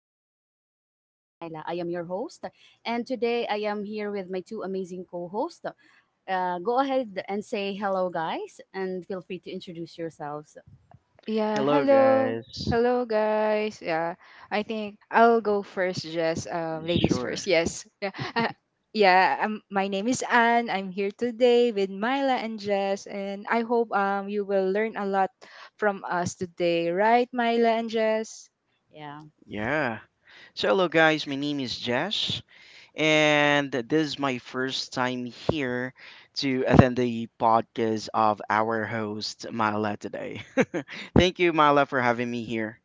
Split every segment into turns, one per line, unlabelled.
episode of Life Talk with Myla. I am your host, and today I am here with my two amazing co hosts. Go ahead and say hello, guys, and feel free to introduce yourselves.
Yeah,
Hello,
hello.
guys.
Hello guys. Yeah. I think I'll go first, just ladies first.
Sure.
Yes. Yeah. Yeah, my name is Anne. I'm here today with Myla and Jess, and I hope you will learn a lot from us today, right Myla and Jess?
Yeah.
Yeah. So, hello, guys. My name is Jesh, and this is my first time here to attend the podcast of our host, Mala, today. Thank you, Mala, for having me here.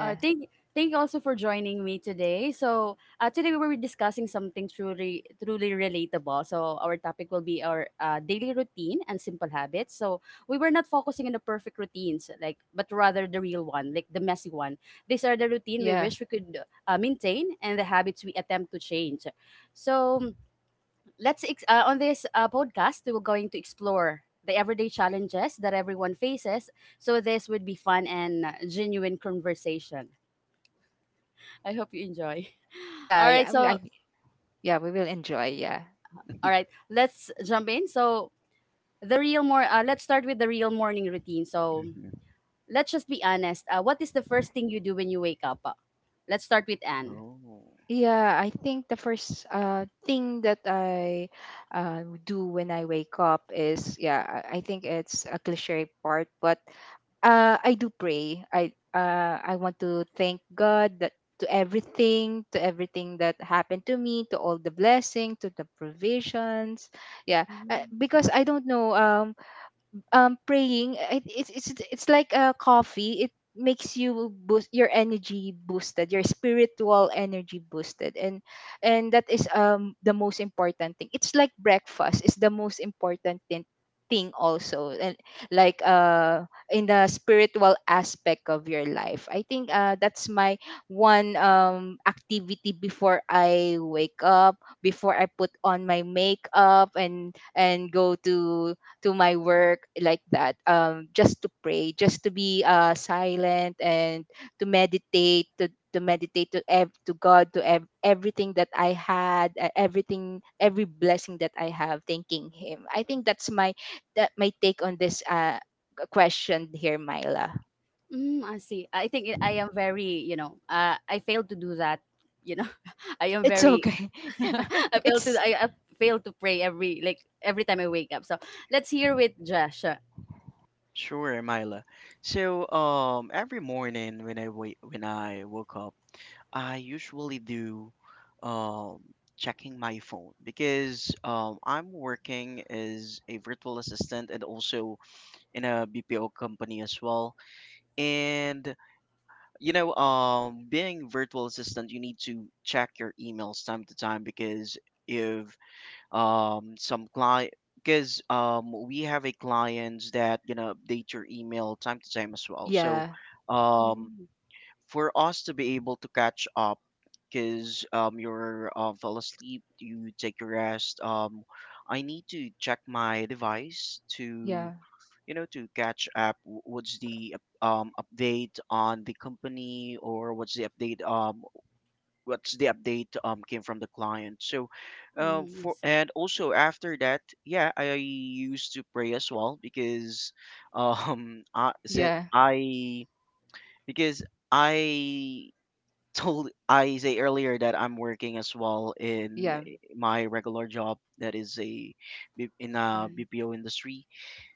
All right. Thank you also for joining me today. So today we were discussing something truly relatable. So our topic will be our daily routine and simple habits. So we were not focusing on the perfect routines, like but rather the real one, like the messy one. These are the routine we
Yeah.
wish we could maintain and the habits we attempt to change. So on this podcast we were going to explore the everyday challenges that everyone faces. So this would be fun and genuine conversation. I hope you enjoy.
Yeah,
All right,
yeah.
so
We will enjoy. Yeah.
all right, let's jump in. So the real more let's start with the real morning routine. So
Mhm.
let's just be honest. What is the first thing you do when you wake up? Let's start with Anne.
Oh,
Yeah, I think the first thing that I do when I wake up is, yeah, I think it's a cliche part, but I do pray. I want to thank God that, to everything that happened to me, to all the blessing, to the provisions. Yeah, because I don't know. Praying, it's it's like a coffee. It makes you boost your energy, boosted your spiritual energy boosted, and that is the most important thing. It's like breakfast is the most important thing also. And like in the spiritual aspect of your life, I think that's my one activity before I wake up, before I put on my makeup and go to my work, like that, just to pray, just to be silent and to meditate, to meditate to God, everything that I had, everything, every blessing that I have, thanking him. I think that's my, that my take on this question here, Myla.
Mm, I see. I think I am very, I failed to do that. You know, I am
It's
very.
okay.
I fail to
It's,
I, I fail to pray every like every time I wake up. So let's hear with Josh.
sure, Mila. So, every morning when I woke up, I usually do um, checking my phone because I'm working as a virtual assistant and also in a BPO company as well. And being virtual assistant, you need to check your emails time to time because if some client because we have a clients that update your email time to time as well. So
yeah,
um,
Mm.
for us to be able to catch up because you're fell asleep, you take a rest, I need to check my device to
yeah,
to catch up what's the update on the company, or what's the update came from the client. So
Mm, I
for
see.
and also after that, yeah, I used to pray as well because I si-
yeah,
I because I told Isay earlier that I'm working as well in
yeah,
my regular job that is in a
Uh,
BPO industry.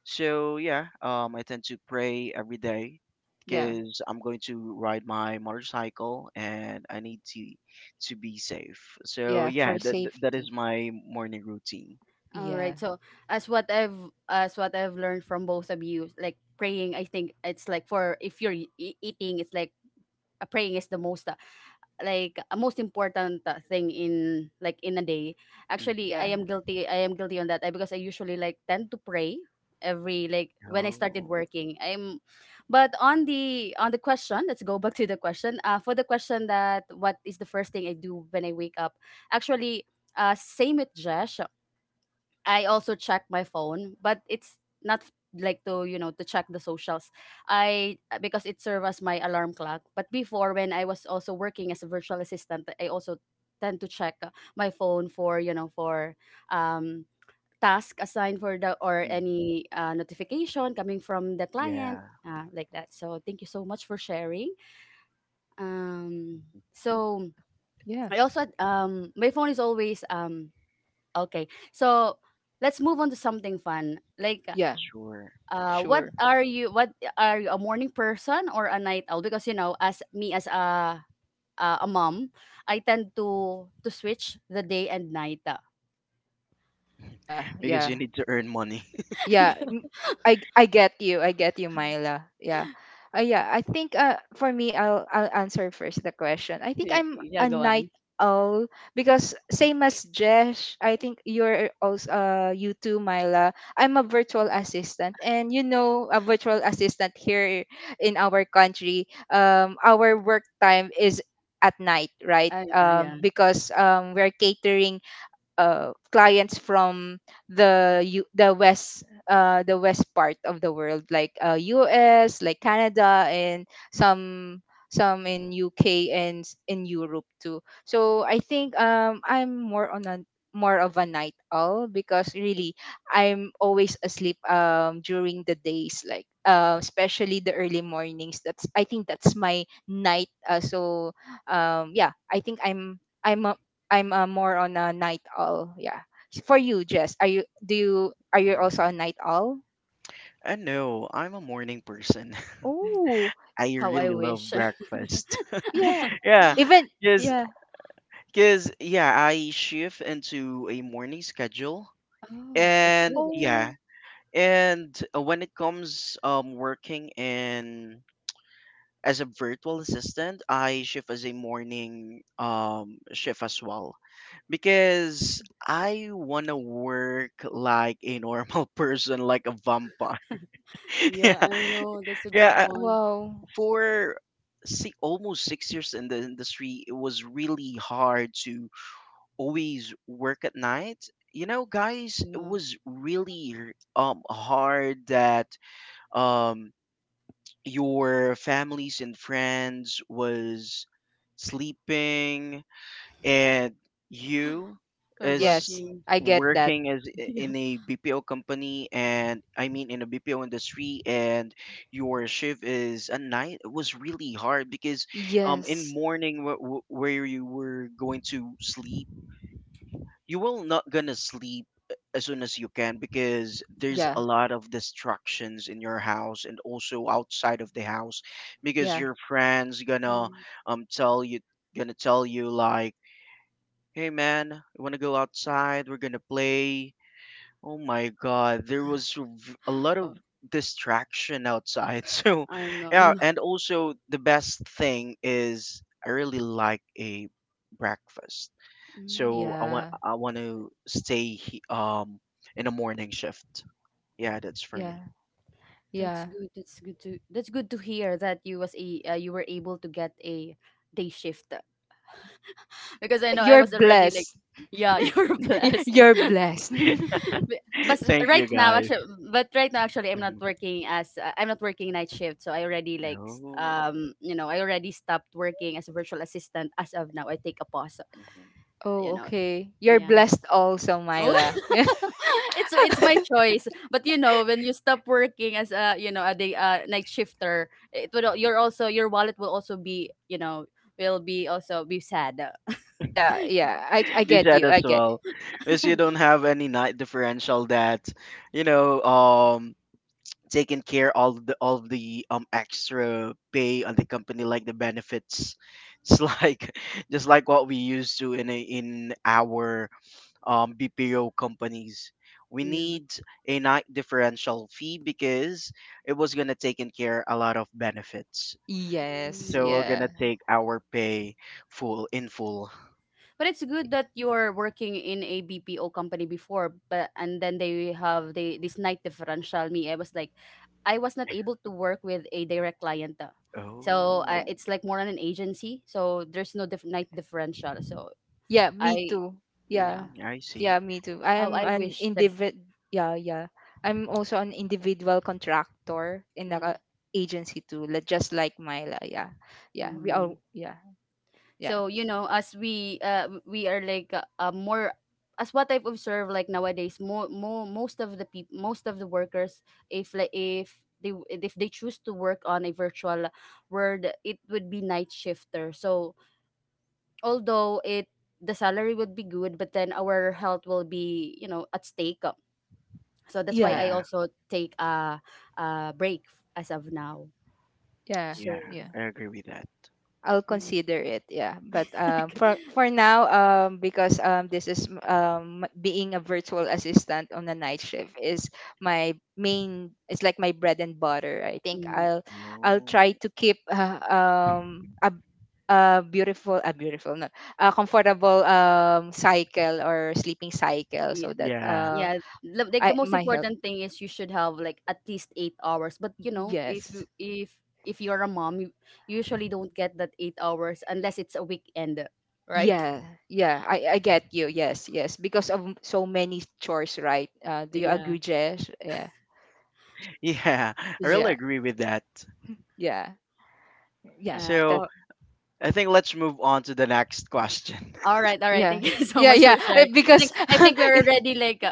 So yeah, I tend to pray every day
yeah,
because I'm going to ride my motorcycle and I need to be safe. So
yeah,
yeah,
for
that that that
safety.
is my morning routine.
all
Yeah,
right. So as what I've as what I've learned from both of you, like praying, I think it's like for if eating, it's like praying is the most like most important thing in like in a day.
Hmm.
Actually, I
yeah,
am guilty. I am guilty on that I, because I usually like tend to pray every like when I started
Oh.
working. I'm but on the question, let's go back to the question. For the question that what is the first thing I do when I wake up? Actually, same with Jesh. I also check my phone, but it's not like to you know to check the socials. I Because it serves as my alarm clock. But before, when I was also working as a virtual assistant, I also tend to check my phone for you know for um task assigned for the or
Hmm.
any notification coming from the client
Yeah.
like that. So thank you so much for sharing. Um,
Mhm.
so
yeah, yeah,
I also my phone is always um. Okay. So let's move on to something fun. Like,
yeah,
Sure.
what
sure.
are you? What are you? A morning person or a night owl? Because you know, as me as a a mom, I tend to switch the day and night.
Yeah,
Because you
yeah,
need to earn money.
yeah.
Yeah,
I get you. I get you, Myla. Yeah, yeah. I think for me, I'll answer first the question. I think
yeah,
I'm a
yeah, go
night
on.
owl because, same as Jesh, I think you're also you too, Myla. I'm a virtual assistant, and you know, a virtual assistant here in our country. Our work time is at night, right?
Yeah, yeah.
Because we're catering clients from the west, the west part of the world, like US, like Canada and some some in UK, and in Europe too. So I think I'm more on a, more of a night owl, because really I'm always asleep during the days, like especially the early mornings. That's, I think that's my night, so yeah, I think I'm a, I'm more on a night owl. Yeah. S- For you, Jess, are you, do you, are you also a
Um,
night owl?
I know I'm a morning person.
Oh,
I
How I
really love
wish.
breakfast.
yeah.
Yeah,
Even
because
yeah.
because yeah, I shift into a morning schedule,
Oh, that's
and
good.
yeah,
Oh,
and when it comes working in as a virtual assistant, I shift as a morning shift as well because I wanna work like a normal person, like a vampire. Yeah,
Yeah, I know. That's a good
yeah,
one.
wow.
for si almost 6 years in the industry, it was really hard to always work at night. You know, guys, it
Yeah,
was really hard that um your families and friends was sleeping, and you
while
is
Yes,
working.
I get that.
working as
Yeah.
in a BPO company, and I mean in a BPO industry, and your shift is at night. It was really hard because in
Yes.
morning where you were going to sleep, you will not gonna sleep as soon as you can because there's a
Yeah.
lot of distractions in your house and also outside of the house because
Yeah.
your friends gonna
Mm.
tell you gonna tell you like, "Hey man, you wanna go outside? We're gonna play." Oh my god, there was a lot of
Oh,
distraction outside. So,
I know. I
yeah.
know.
And also, the best thing is I really like a breakfast.
Mm.
So
Yeah.
I want to stay in a morning shift. Yeah, that's for me.
Yeah.
That's
Yeah.
good. That's good to hear that you was a you were able to get a day shift, because I
Yeah,
know I
you're
was already like
blessed.
yeah. You're blessed.
You're blessed.
Be- but s-
Thank you,
right now
guys.
actually but right now actually I'm not
Hmm.
working as I'm not working night shift, so I already
No.
you know I already stopped working as a virtual assistant as of now. I take a pause,
Hmm.
you
Oh,
know
okay. You're
yeah.
blessed also,
Oh,
Myla.
it's my choice. But you know, when you stop working as a you know a day night shifter, it will you're also your wallet will also be you know will be also be sad.
Yeah, yeah. I
We
get
said
you.
as
I get you.
well because you don't have any night differential that you know um taking care all of the extra pay on the company like the benefits. It's like just like what we used to in in our BPO companies. We
Yeah.
need a night differential fee because it was going to take in care a lot of benefits,
Yes,
so we're
Mm.
going
yeah.
to take our pay full in full.
But it's good that you're working in a BPO company before, but and then they have the this night differential. Me, I was like, I was not able to work with a direct client. So
Oh.
it's like more on an agency. So there's no night differential. So
Yeah, me
I,
too. Yeah.
yeah.
Mm, I
Yeah,
see.
me too. I
How
am
I
an
wish that.
individ, yeah, yeah. I'm also an individual contractor in the
Mhm.
agency too, li- just like Myla. Yeah. Yeah. We all
Mm.
yeah. Yeah.
So you know, as we we are like more as what I've observed like nowadays, more most of the people, most of the workers, if like if they w- if they choose to work on a virtual world, it would be night shifter. So although it the salary would be good, but then our health will be you know at stake. So that's why
Yeah.
I
Yeah,
also take a break as of now.
Yeah.
yeah,
So.
Yeah.
I agree with that.
I'll
Mm.
consider it. Yeah, but for now, because this is, being a virtual assistant on a night shift is my main. It's like my bread and butter. I think
Mm.
I'll try
Oh,
to keep a beautiful no, a comfortable cycle or sleeping cycle,
Yeah.
so that
yeah,
Yeah. Like
I,
the most
my health.
important thing is you should have like at least 8 hours. But you know,
Yes.
if you're a mom, you usually don't get that 8 hours unless it's a weekend, right?
Yeah, yeah, I get you. Yes, yes, because of so many chores, right? Do you
Yeah.
agree, Jess? Yeah,
yeah, I
Z-
really
yeah,
agree with that.
yeah, yeah.
Uh,
That,
So
all,
I think let's move on to the next question.
all right, all right.
yeah,
Thank you so
yeah,
much for
yeah.
sharing.
Because,
I think we're already like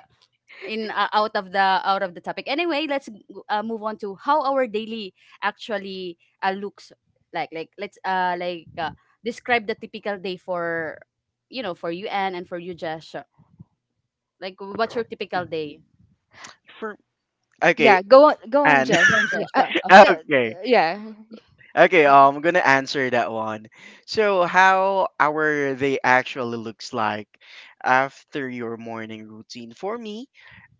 in out of the topic anyway. Let's move on to how our daily actually looks like. Like let's describe the typical day for you know for you Anne, and for you Josh. Like what's your typical
Mhm.
day?
For okay,
yeah, go on, go on,
and
Jess.
Go on,
Yeah,
Josh.
no,
okay,
yeah, y-
okay, I'm gonna answer that one. So how our day actually looks like after your morning routine? For me,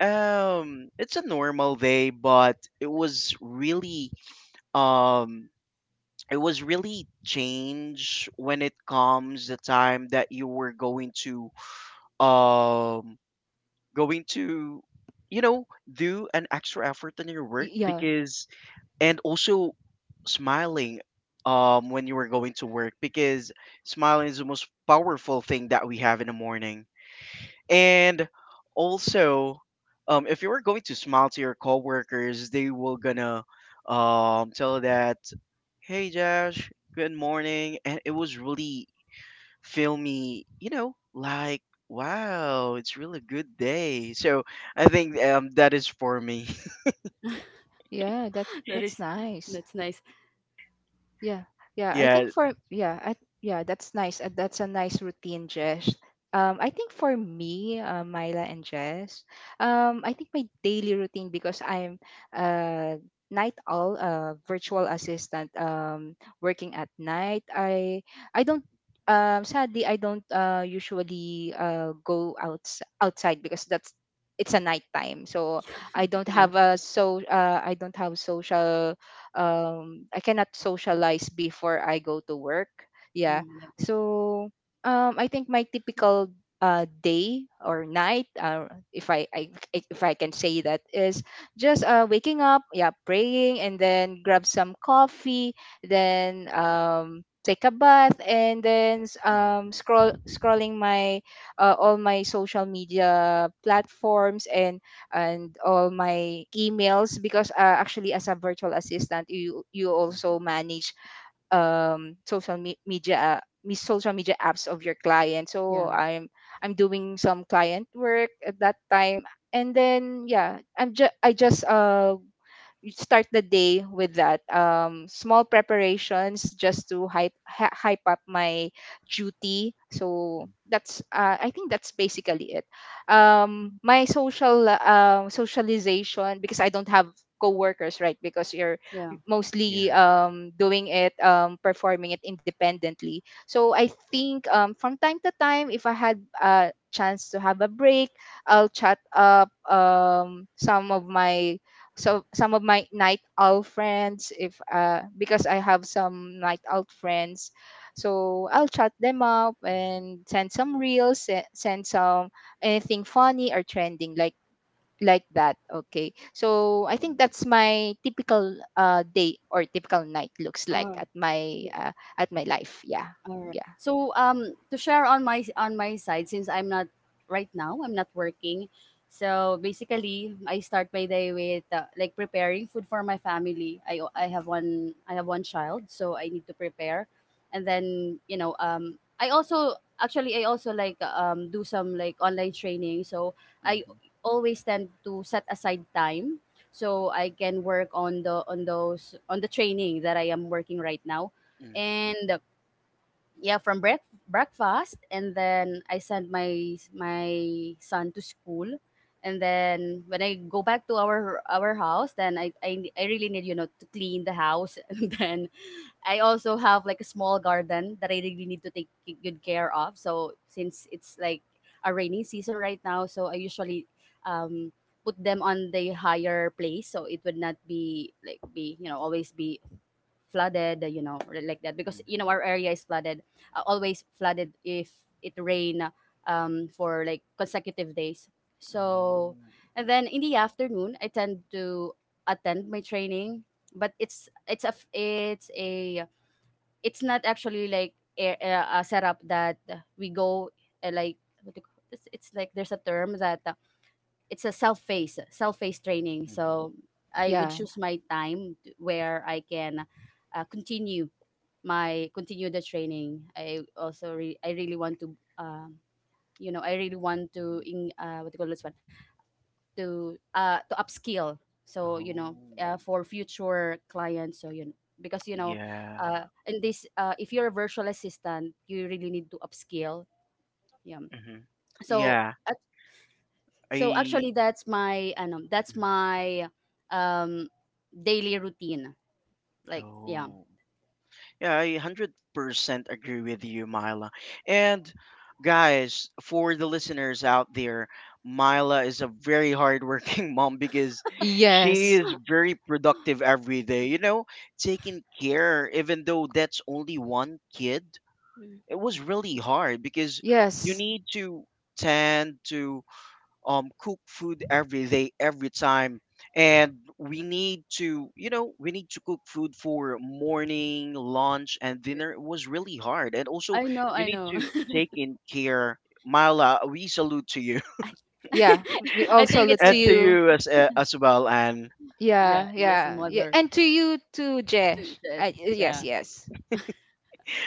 it's a normal day, but um it was really change when it comes the time that you were going to um going to you know do an extra effort in your work,
yeah,
because and also smiling when you were going to work because smiling is the most powerful thing that we have in the morning. And also, if you were going to smile to your coworkers, they will gonna tell that, "Hey Josh, good morning," and it was really filmy. Like, wow, it's really good day. So I think that is for me.
Yeah.
That
That's
is
nice.
that's nice.
Yeah, yeah. I think
Yeah.
for yeah, I Yeah, that's nice. That's a nice routine, Jess. I think for me, Myla and Jess, I think my daily routine, because I'm uh night owl, virtual assistant, working at night. I don't. Sadly, I don't usually go outside because that's, it's a night time. So I don't
Yeah.
have a so I don't have social I cannot socialize before I go to work. Yeah.
Mm, yeah.
So I think my typical day or night, if I, if I can say that, is just waking up, yeah, praying, and then grab some coffee, then take a bath, and then
Mhm.
scrolling my all my social media platforms and all my emails, because actually as a virtual assistant, you also
Mhm.
manage social media, social media apps of your client, so
Yeah,
I'm doing some client work at that time. And then yeah, I'm just I just you start the day with that, small preparations, just to hype up my duty. So
Mhm.
that's I think that's basically it. My social, socialization, because I don't have coworkers, right, because you're
yeah.
mostly
Yeah.
doing it, performing it independently. So I think from time to time, if I had a chance to have a break, I'll chat up some of my night owl friends if because I have some night owl friends. So I'll chat them up
Mhm.
and send some reels, send some anything funny or trending, like that. Okay, so I think
Mhm.
that's my typical day or typical night looks
All
like at my,
right.
at my life. Yeah.
Alright.
Yeah,
So, to share on my side, since I'm not right now, I'm not working. So basically, I start my day with like preparing food for my family. I I have
Mhm.
one I have one child, so I need to prepare, and then you know, I also actually I also like do some like online training. So I
Mhm.
always tend to set aside time so I can work on the on those on the training that I am working right now,
Mhm.
and yeah from breakfast, and then I send my my son to school. And then when I go back to our house, then I really need you know to clean the house. And then I also have like a small garden that I really need to take good care of. So since it's like a rainy season right now, so I usually um put them on the higher place so it would not be like be you know always be flooded, you know, or like that. Because you
Mhm.
know our area is flooded, always flooded if it rain for like consecutive days.
Oh.
So, and then in the afternoon, I tend to attend my training, but it's not actually like a setup that we go like what do you call- it's like there's a term that it's a self face training.
Mhm.
So I would
yeah,
choose my time to where I can uh, continue continue the training. I also I really want to you know I really want to
Mhm.
in what do you call this one to upskill. So you
Oh.
know for future clients. So you know, because you know
Yeah.
in this if you're a virtual assistant you really need to upskill. Yeah.
Hmm.
So
Yeah,
ac- so
I.
actually that's that's
Mhm.
my um daily routine. Like yeah.
Oh, yeah, I 100% agree with you, Mila. And guys, for the listeners out there, Mila is a very hardworking mom because she
yes,
is very productive every day, taking care, even though that's only one kid.
Mm.
It was really hard because you
yes,
need to tend to cook food every day every time. And we need to cook food for morning lunch and dinner. It was really hard. And also
I know,
you
I
need
know.
to take in care. Myla, we salute to you,
I.
yeah, we all
I think
salute
it's
to
and to
you.
you, as well, and
yeah,
Yeah,
yes, a
yeah, yeah.
mother
And to you too,
to
Jesh.
just
Yes,
yeah,
yes.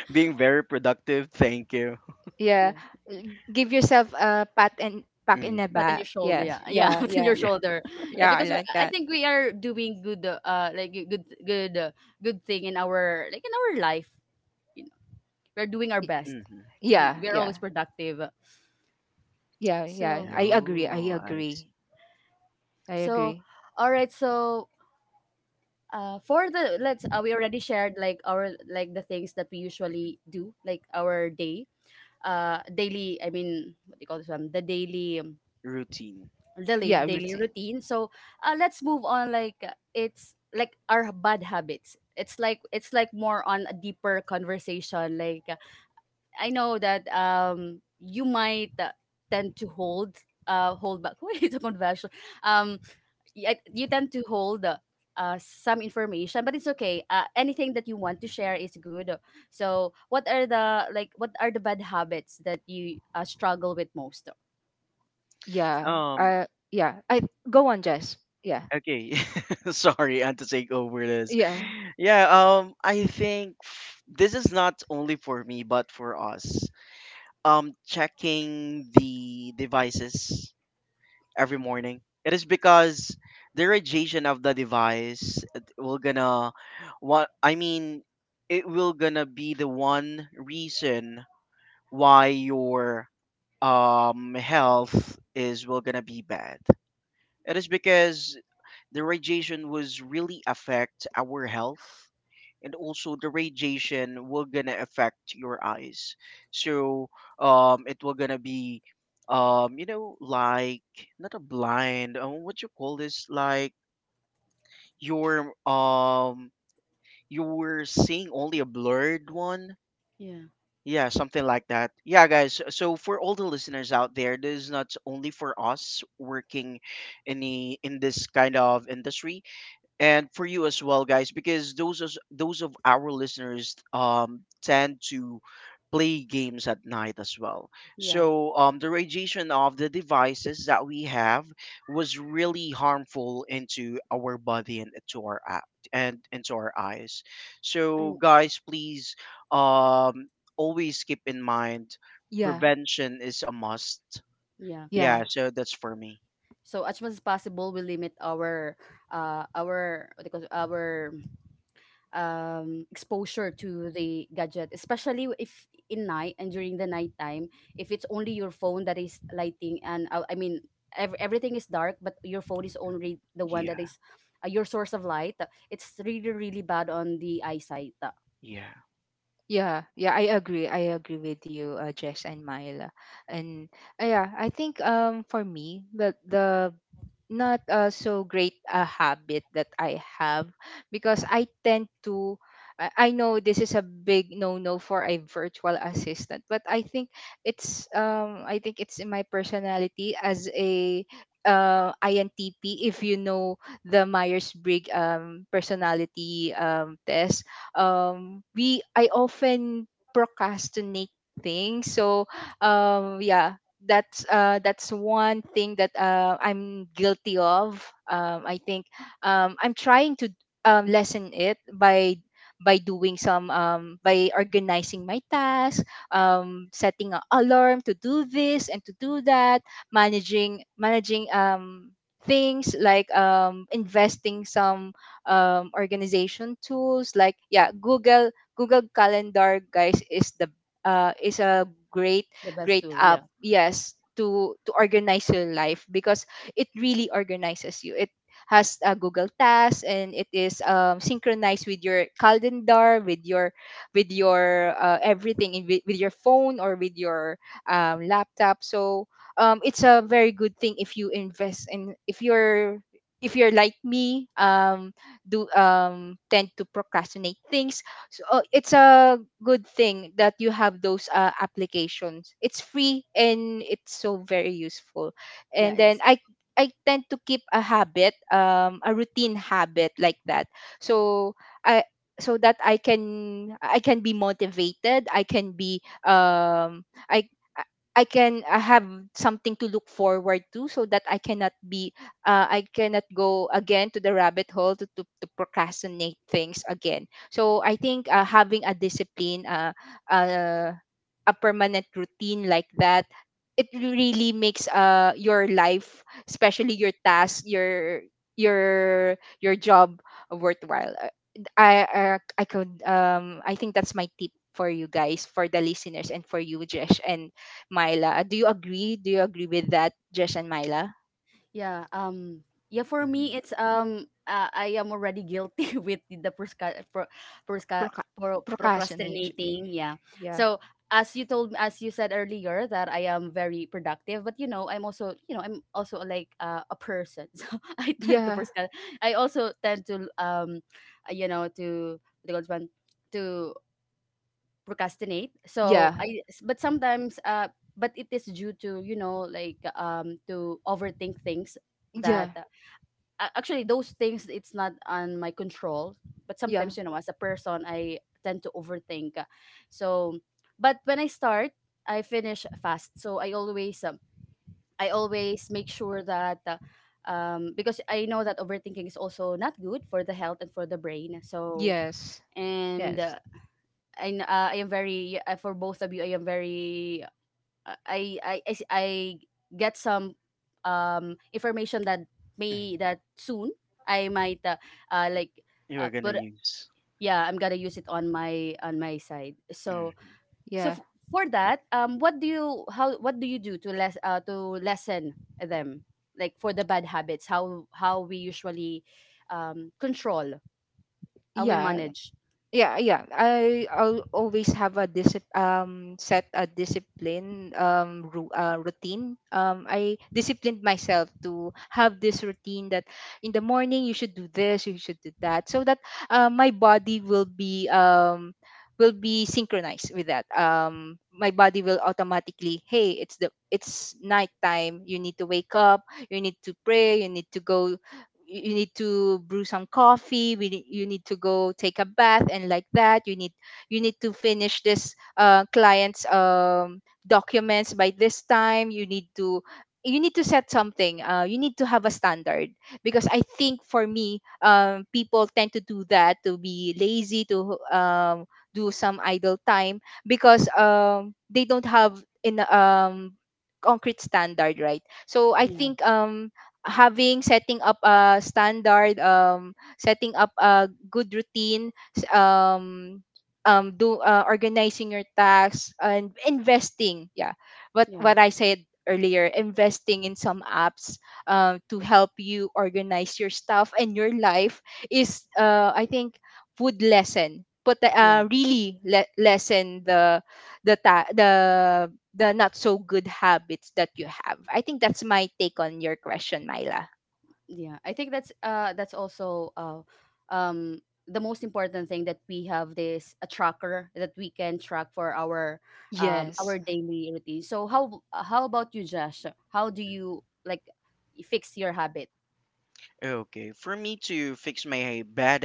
being very productive. Thank you.
Yeah.
yeah.
Give yourself a pat and pack in the
Hmm.
Pat on your
back.
shoulder,
Yes,
yeah, yeah,
yeah,
pat on your
yeah.
Yeah.
shoulder, yeah.
Yeah, I
Because we,
like
I
that.
think we are doing good, like good, good, good thing in our like in our life. You know, we're doing our
Y-
best.
Hmm.
Mm.
Yeah,
We are always
yeah,
productive.
yeah, yeah.
So,
I agree. I
Oh, I
agree.
see.
I
so,
agree.
all right. So, for the let's we already shared like our like the things that we
Mhm.
usually do, like our day, daily. I mean, what do you call this one? The daily
Routine.
the daily
Yeah,
daily
routine.
routine. So let's move on like it's like our bad habits. It's like it's like more on a deeper conversation. Like I know that you might tend to hold hold back. Wait, a conversion, um you, you tend to hold some information, but it's okay. Anything that you want to share
Mhm.
is good. So what are the like what are the bad habits that you struggle with most?
Yeah.
Um,
Yeah. I Go on, Jess. Yeah,
Okay. Sorry, I had to take over this.
yeah,
Yeah, I think this is not only for me but for us. Checking the devices every morning. It is because the radiation of the device, it will gonna what I mean it will gonna be the one reason why your health is will gonna be bad. It is because the radiation was really affect our health, and also the radiation will gonna affect your eyes. So it will gonna be like not a blind, what you call this, like, your you're seeing only a blurred one.
Yeah.
Yeah, something like that. Yeah, guys, so for all the listeners out there, this is not only for us working in this kind of industry, and for you as well, guys, because those of our listeners tend to play games at night as well.
Yeah.
So the radiation of the devices that we have was really harmful into our body and into our eyes. So,
And
guys, please, um always keep in mind,
yeah,
prevention is a must.
yeah.
Yeah,
yeah,
so that's for me.
So as much as possible, we limit our what do you call it, our exposure to the gadget, especially if in night and during the nighttime. If it's only your phone that is lighting, and I mean everything is dark, but your phone is only the one that
Yeah.
is your source of light. It's really really bad on the eyesight.
Yeah.
yeah, yeah. I agree. I agree with you, Jess and Myla. And yeah, I think for me the not so great a habit that I have, because I tend to I know this is a big no-no for a virtual assistant, but I think it's in my personality as a INTP. If you know the Myers-Briggs personality test, we, I often procrastinate things. So yeah, that's one thing that I'm guilty of. I think I'm trying to lessen it by doing some by organizing my tasks, setting an alarm to do this and to do that, managing things, like investing some organization tools, like yeah, Google Calendar, guys, is the is a great
The best
great
tool, yeah,
app, yes, to organize your life, because it really organizes you. It has a Google task, and it is synchronized with your calendar, with your, with your everything in- with your phone, or with your laptop. So it's a very good thing if you invest in, if you're, if you're like me, do tend to procrastinate things. So it's a good thing that you have those applications. It's free, and it's so very useful.
yeah.
And then
It's
I tend to keep a habit, a routine habit like that. So I so that I can, I can be motivated, I can be i i I can, I have something to look forward to, so that I cannot be I cannot go again to the rabbit hole to, to procrastinate things again. So I think having a discipline, uh, a permanent routine like that, it really makes your life, especially your task, your your job worthwhile. I could I think that's my tip for you guys, for the listeners, and for you, Jesh and Myla. Do you agree? Do you agree with that, Jesh and Myla?
yeah, yeah, for me
Hmm.
it's I am already guilty with the prosca-
Proca- Procrastination.
procrastinating, yeah.
Yeah.
So as you told as you said earlier that I am very productive, but you know, I'm also, you know, I'm also like a person. So I tend to
Yeah.
I also tend to you know, to what do you call this one? To procrastinate. So
Yeah.
I but sometimes but it is due to, you know, like to overthink things that
Yeah.
actually those things it's not on my control, but
Yeah.
sometimes you know as a person I tend to overthink. So but when I start, I finish fast. So I always make sure that because I know that overthinking is also not good for the health and for the brain. So
Yes.
and
Yes.
I am very for both of you. I am very I get some information that may
Hmm.
that soon I might like
You are gonna
but
use.
yeah I'm gonna use it on my side. So
Mhm.
so
Yeah.
f- for that what do you how what do you do to less to lessen them, like for the bad habits how we usually control how we
Yeah.
manage?
Yeah. Yeah. I'll always have a disip set a discipline routine. I disciplined myself to have this routine that in the morning you should do this, you should do that, so that my body will be synchronized with that. My body will automatically, hey, it's the, it's nighttime, you need to wake up, you need to pray, you need to go, you need to brew some coffee, you need to go take a bath, and like that, you need, you need to finish this client's documents by this time, you need to, you need to set something, you need to have a standard, because I think for me, people tend to do that to be lazy, to do some idle time, because they don't have in concrete standard, right? So I
Yeah.
think having, setting up a standard, setting up a good routine, s- do organizing your tasks and investing, yeah,
Yeah,
what I said earlier, investing in some apps to help you organize your stuff and your life, is, I think, would lessen, but
yeah.
really lessen the the ta- the the not so good habits that you have. I think that's my take on your question, Myla.
Yeah, I think that's also um the most important thing that we have this a tracker that we can track for
Yes.
our daily routine. So how about you, Josh? How do you like fix your habit
Okay, for me to fix my bad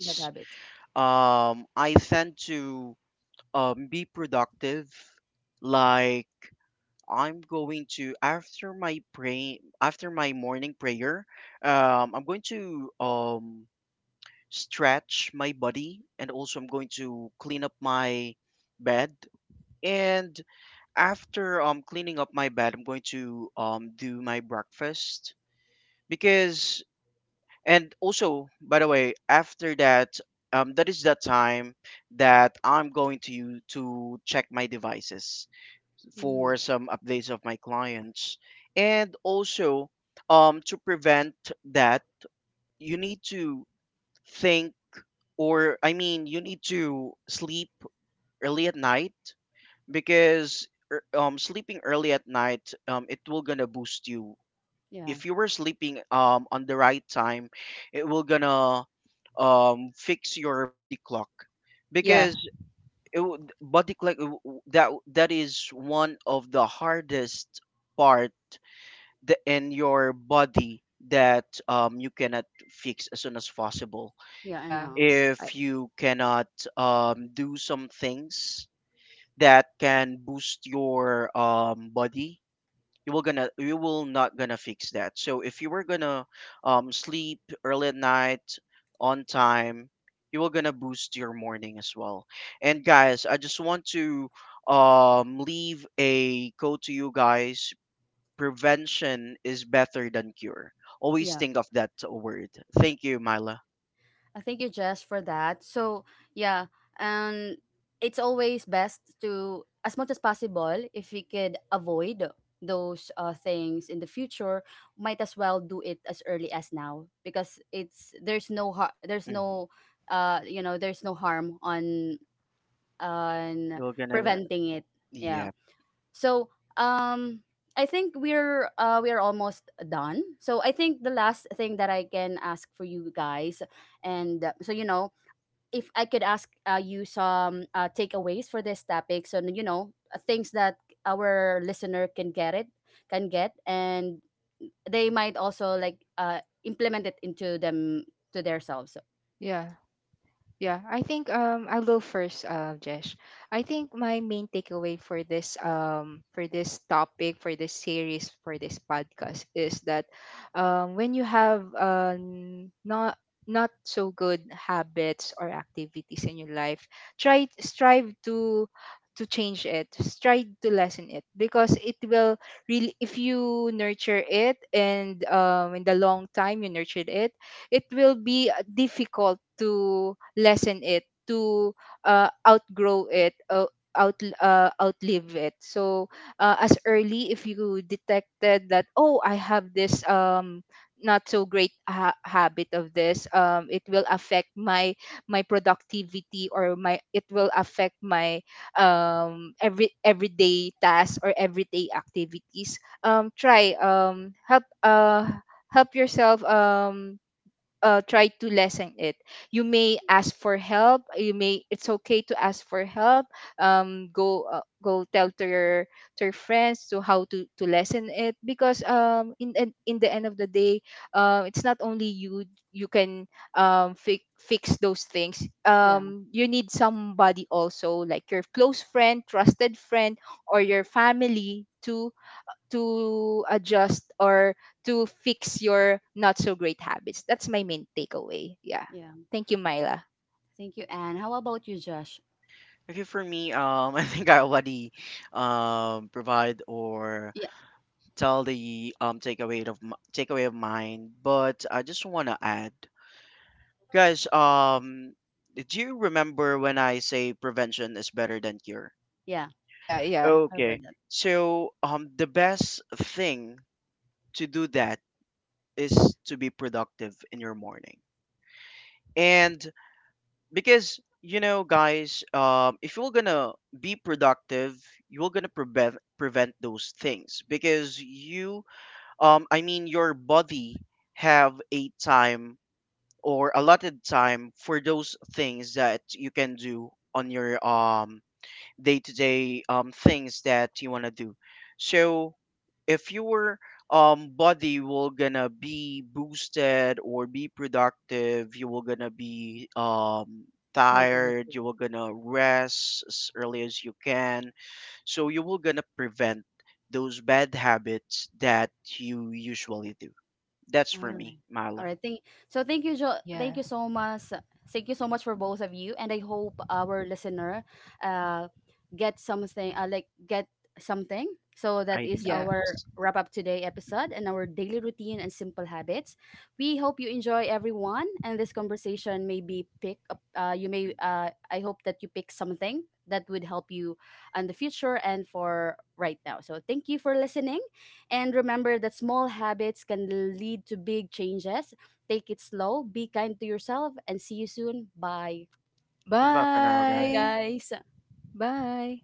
bad habit?
I tend to be productive. Like, I'm going to, after my morning prayer, I'm going to stretch my body. And also, I'm going to clean up my bed. And after cleaning up my bed, I'm going to do my breakfast. Because And also, by the way, after that, that is the time that I'm going to check my devices
Mm.
for some updates of my clients. And also, to prevent that, you need to think, or I mean, you need to sleep early at night, because sleeping early at night, it will gonna boost you.
Yeah.
If you were sleeping on the right time, it will gonna fix your body clock,
Yeah.
Mm.
because body clock, that is one of the hardest part, in your body, that you cannot fix as soon as possible.
Yeah, I
Yeah.
know.
I,
If you cannot do some things that can boost your body, you will not gonna fix that. So if you were gonna sleep early at night on time, you will gonna boost your morning as well. And guys, I just want to leave a code to you guys. Prevention is better than cure. Always
Yeah.
think of that word. Thank you, Myla.
I thank you, Jess, for that. So yeah, and it's always best to, as much as possible, if we could avoid those things in the future, might as well do it as early as now because it's there's no har- there's no,
Hmm.
you know, there's no harm on
You're gonna.
preventing it. Yeah.
Yeah.
So um. I think we're almost done. So I think the last thing that I can ask for you guys, and so you know if I could ask you some takeaways for this topic, so you know things that our listener can get it can get, and they might also like implement it into them to themselves. So,
yeah. Yeah, I think I'll go first, Jesh. I think my main takeaway for this, for this topic, for this series, for this podcast, is that when you have not not so good habits or activities in your life, try, strive to change it, strive to lessen it, because it will really, if you nurture it, and in the long time you nurtured it, it will be difficult to lessen it, to outgrow it, outlive it. So as early, if you detected that, oh, I have this not so great habit of this, it will affect my my productivity, or my, it will affect my everyday tasks or everyday activities, try help yourself, try to lessen it. You may ask for help. You may It's okay to ask for help. Go, go tell to your, to your friends to how to lessen it, because in in the end of the day, it's not only you, you can fix those things.
yeah,
You need somebody also, like your close friend, trusted friend, or your family, to adjust, or to fix your not so great habits. That's my main takeaway. Yeah.
yeah.
Thank you, Myla.
Thank you, Anne. How about you, Josh?
Okay, for me, I think I already provide or
Yeah,
tell the takeaway of mine. But I just want to add, guys. Do you remember when I say prevention is better than cure?
yeah.
Yeah, yeah,
I've
Okay,
read that.
so the best thing to do that is to be productive in your morning. And because guys, if you're gonna be productive, you're gonna prevent those things because you I mean your body have a time or allotted time for those things that you can do on your day to day things that you want to do. So if your body will gonna be boosted or be productive, you will gonna be
More
tired.
productive.
You will gonna rest as early as you can. So you will gonna prevent those bad habits that you usually do. That's
All
for me,
right. All
Mala.
right. Thank
yeah,
you so much. Thank you so much for both of you, and I hope our listener uh get something, like get something. So that is
yeah.
our
Ideas.
wrap up today episode
Hmm.
and our daily routine and simple habits. We hope you enjoy everyone, and this conversation may be pick up you may I hope that you pick something that would help you in the future and for right now. So thank you for listening, and remember that small habits can lead to big changes. Take it slow, be kind to yourself, and see you soon. Bye.
Goodbye for now,
Bye,
guys.
Bye.
guys.
Bye.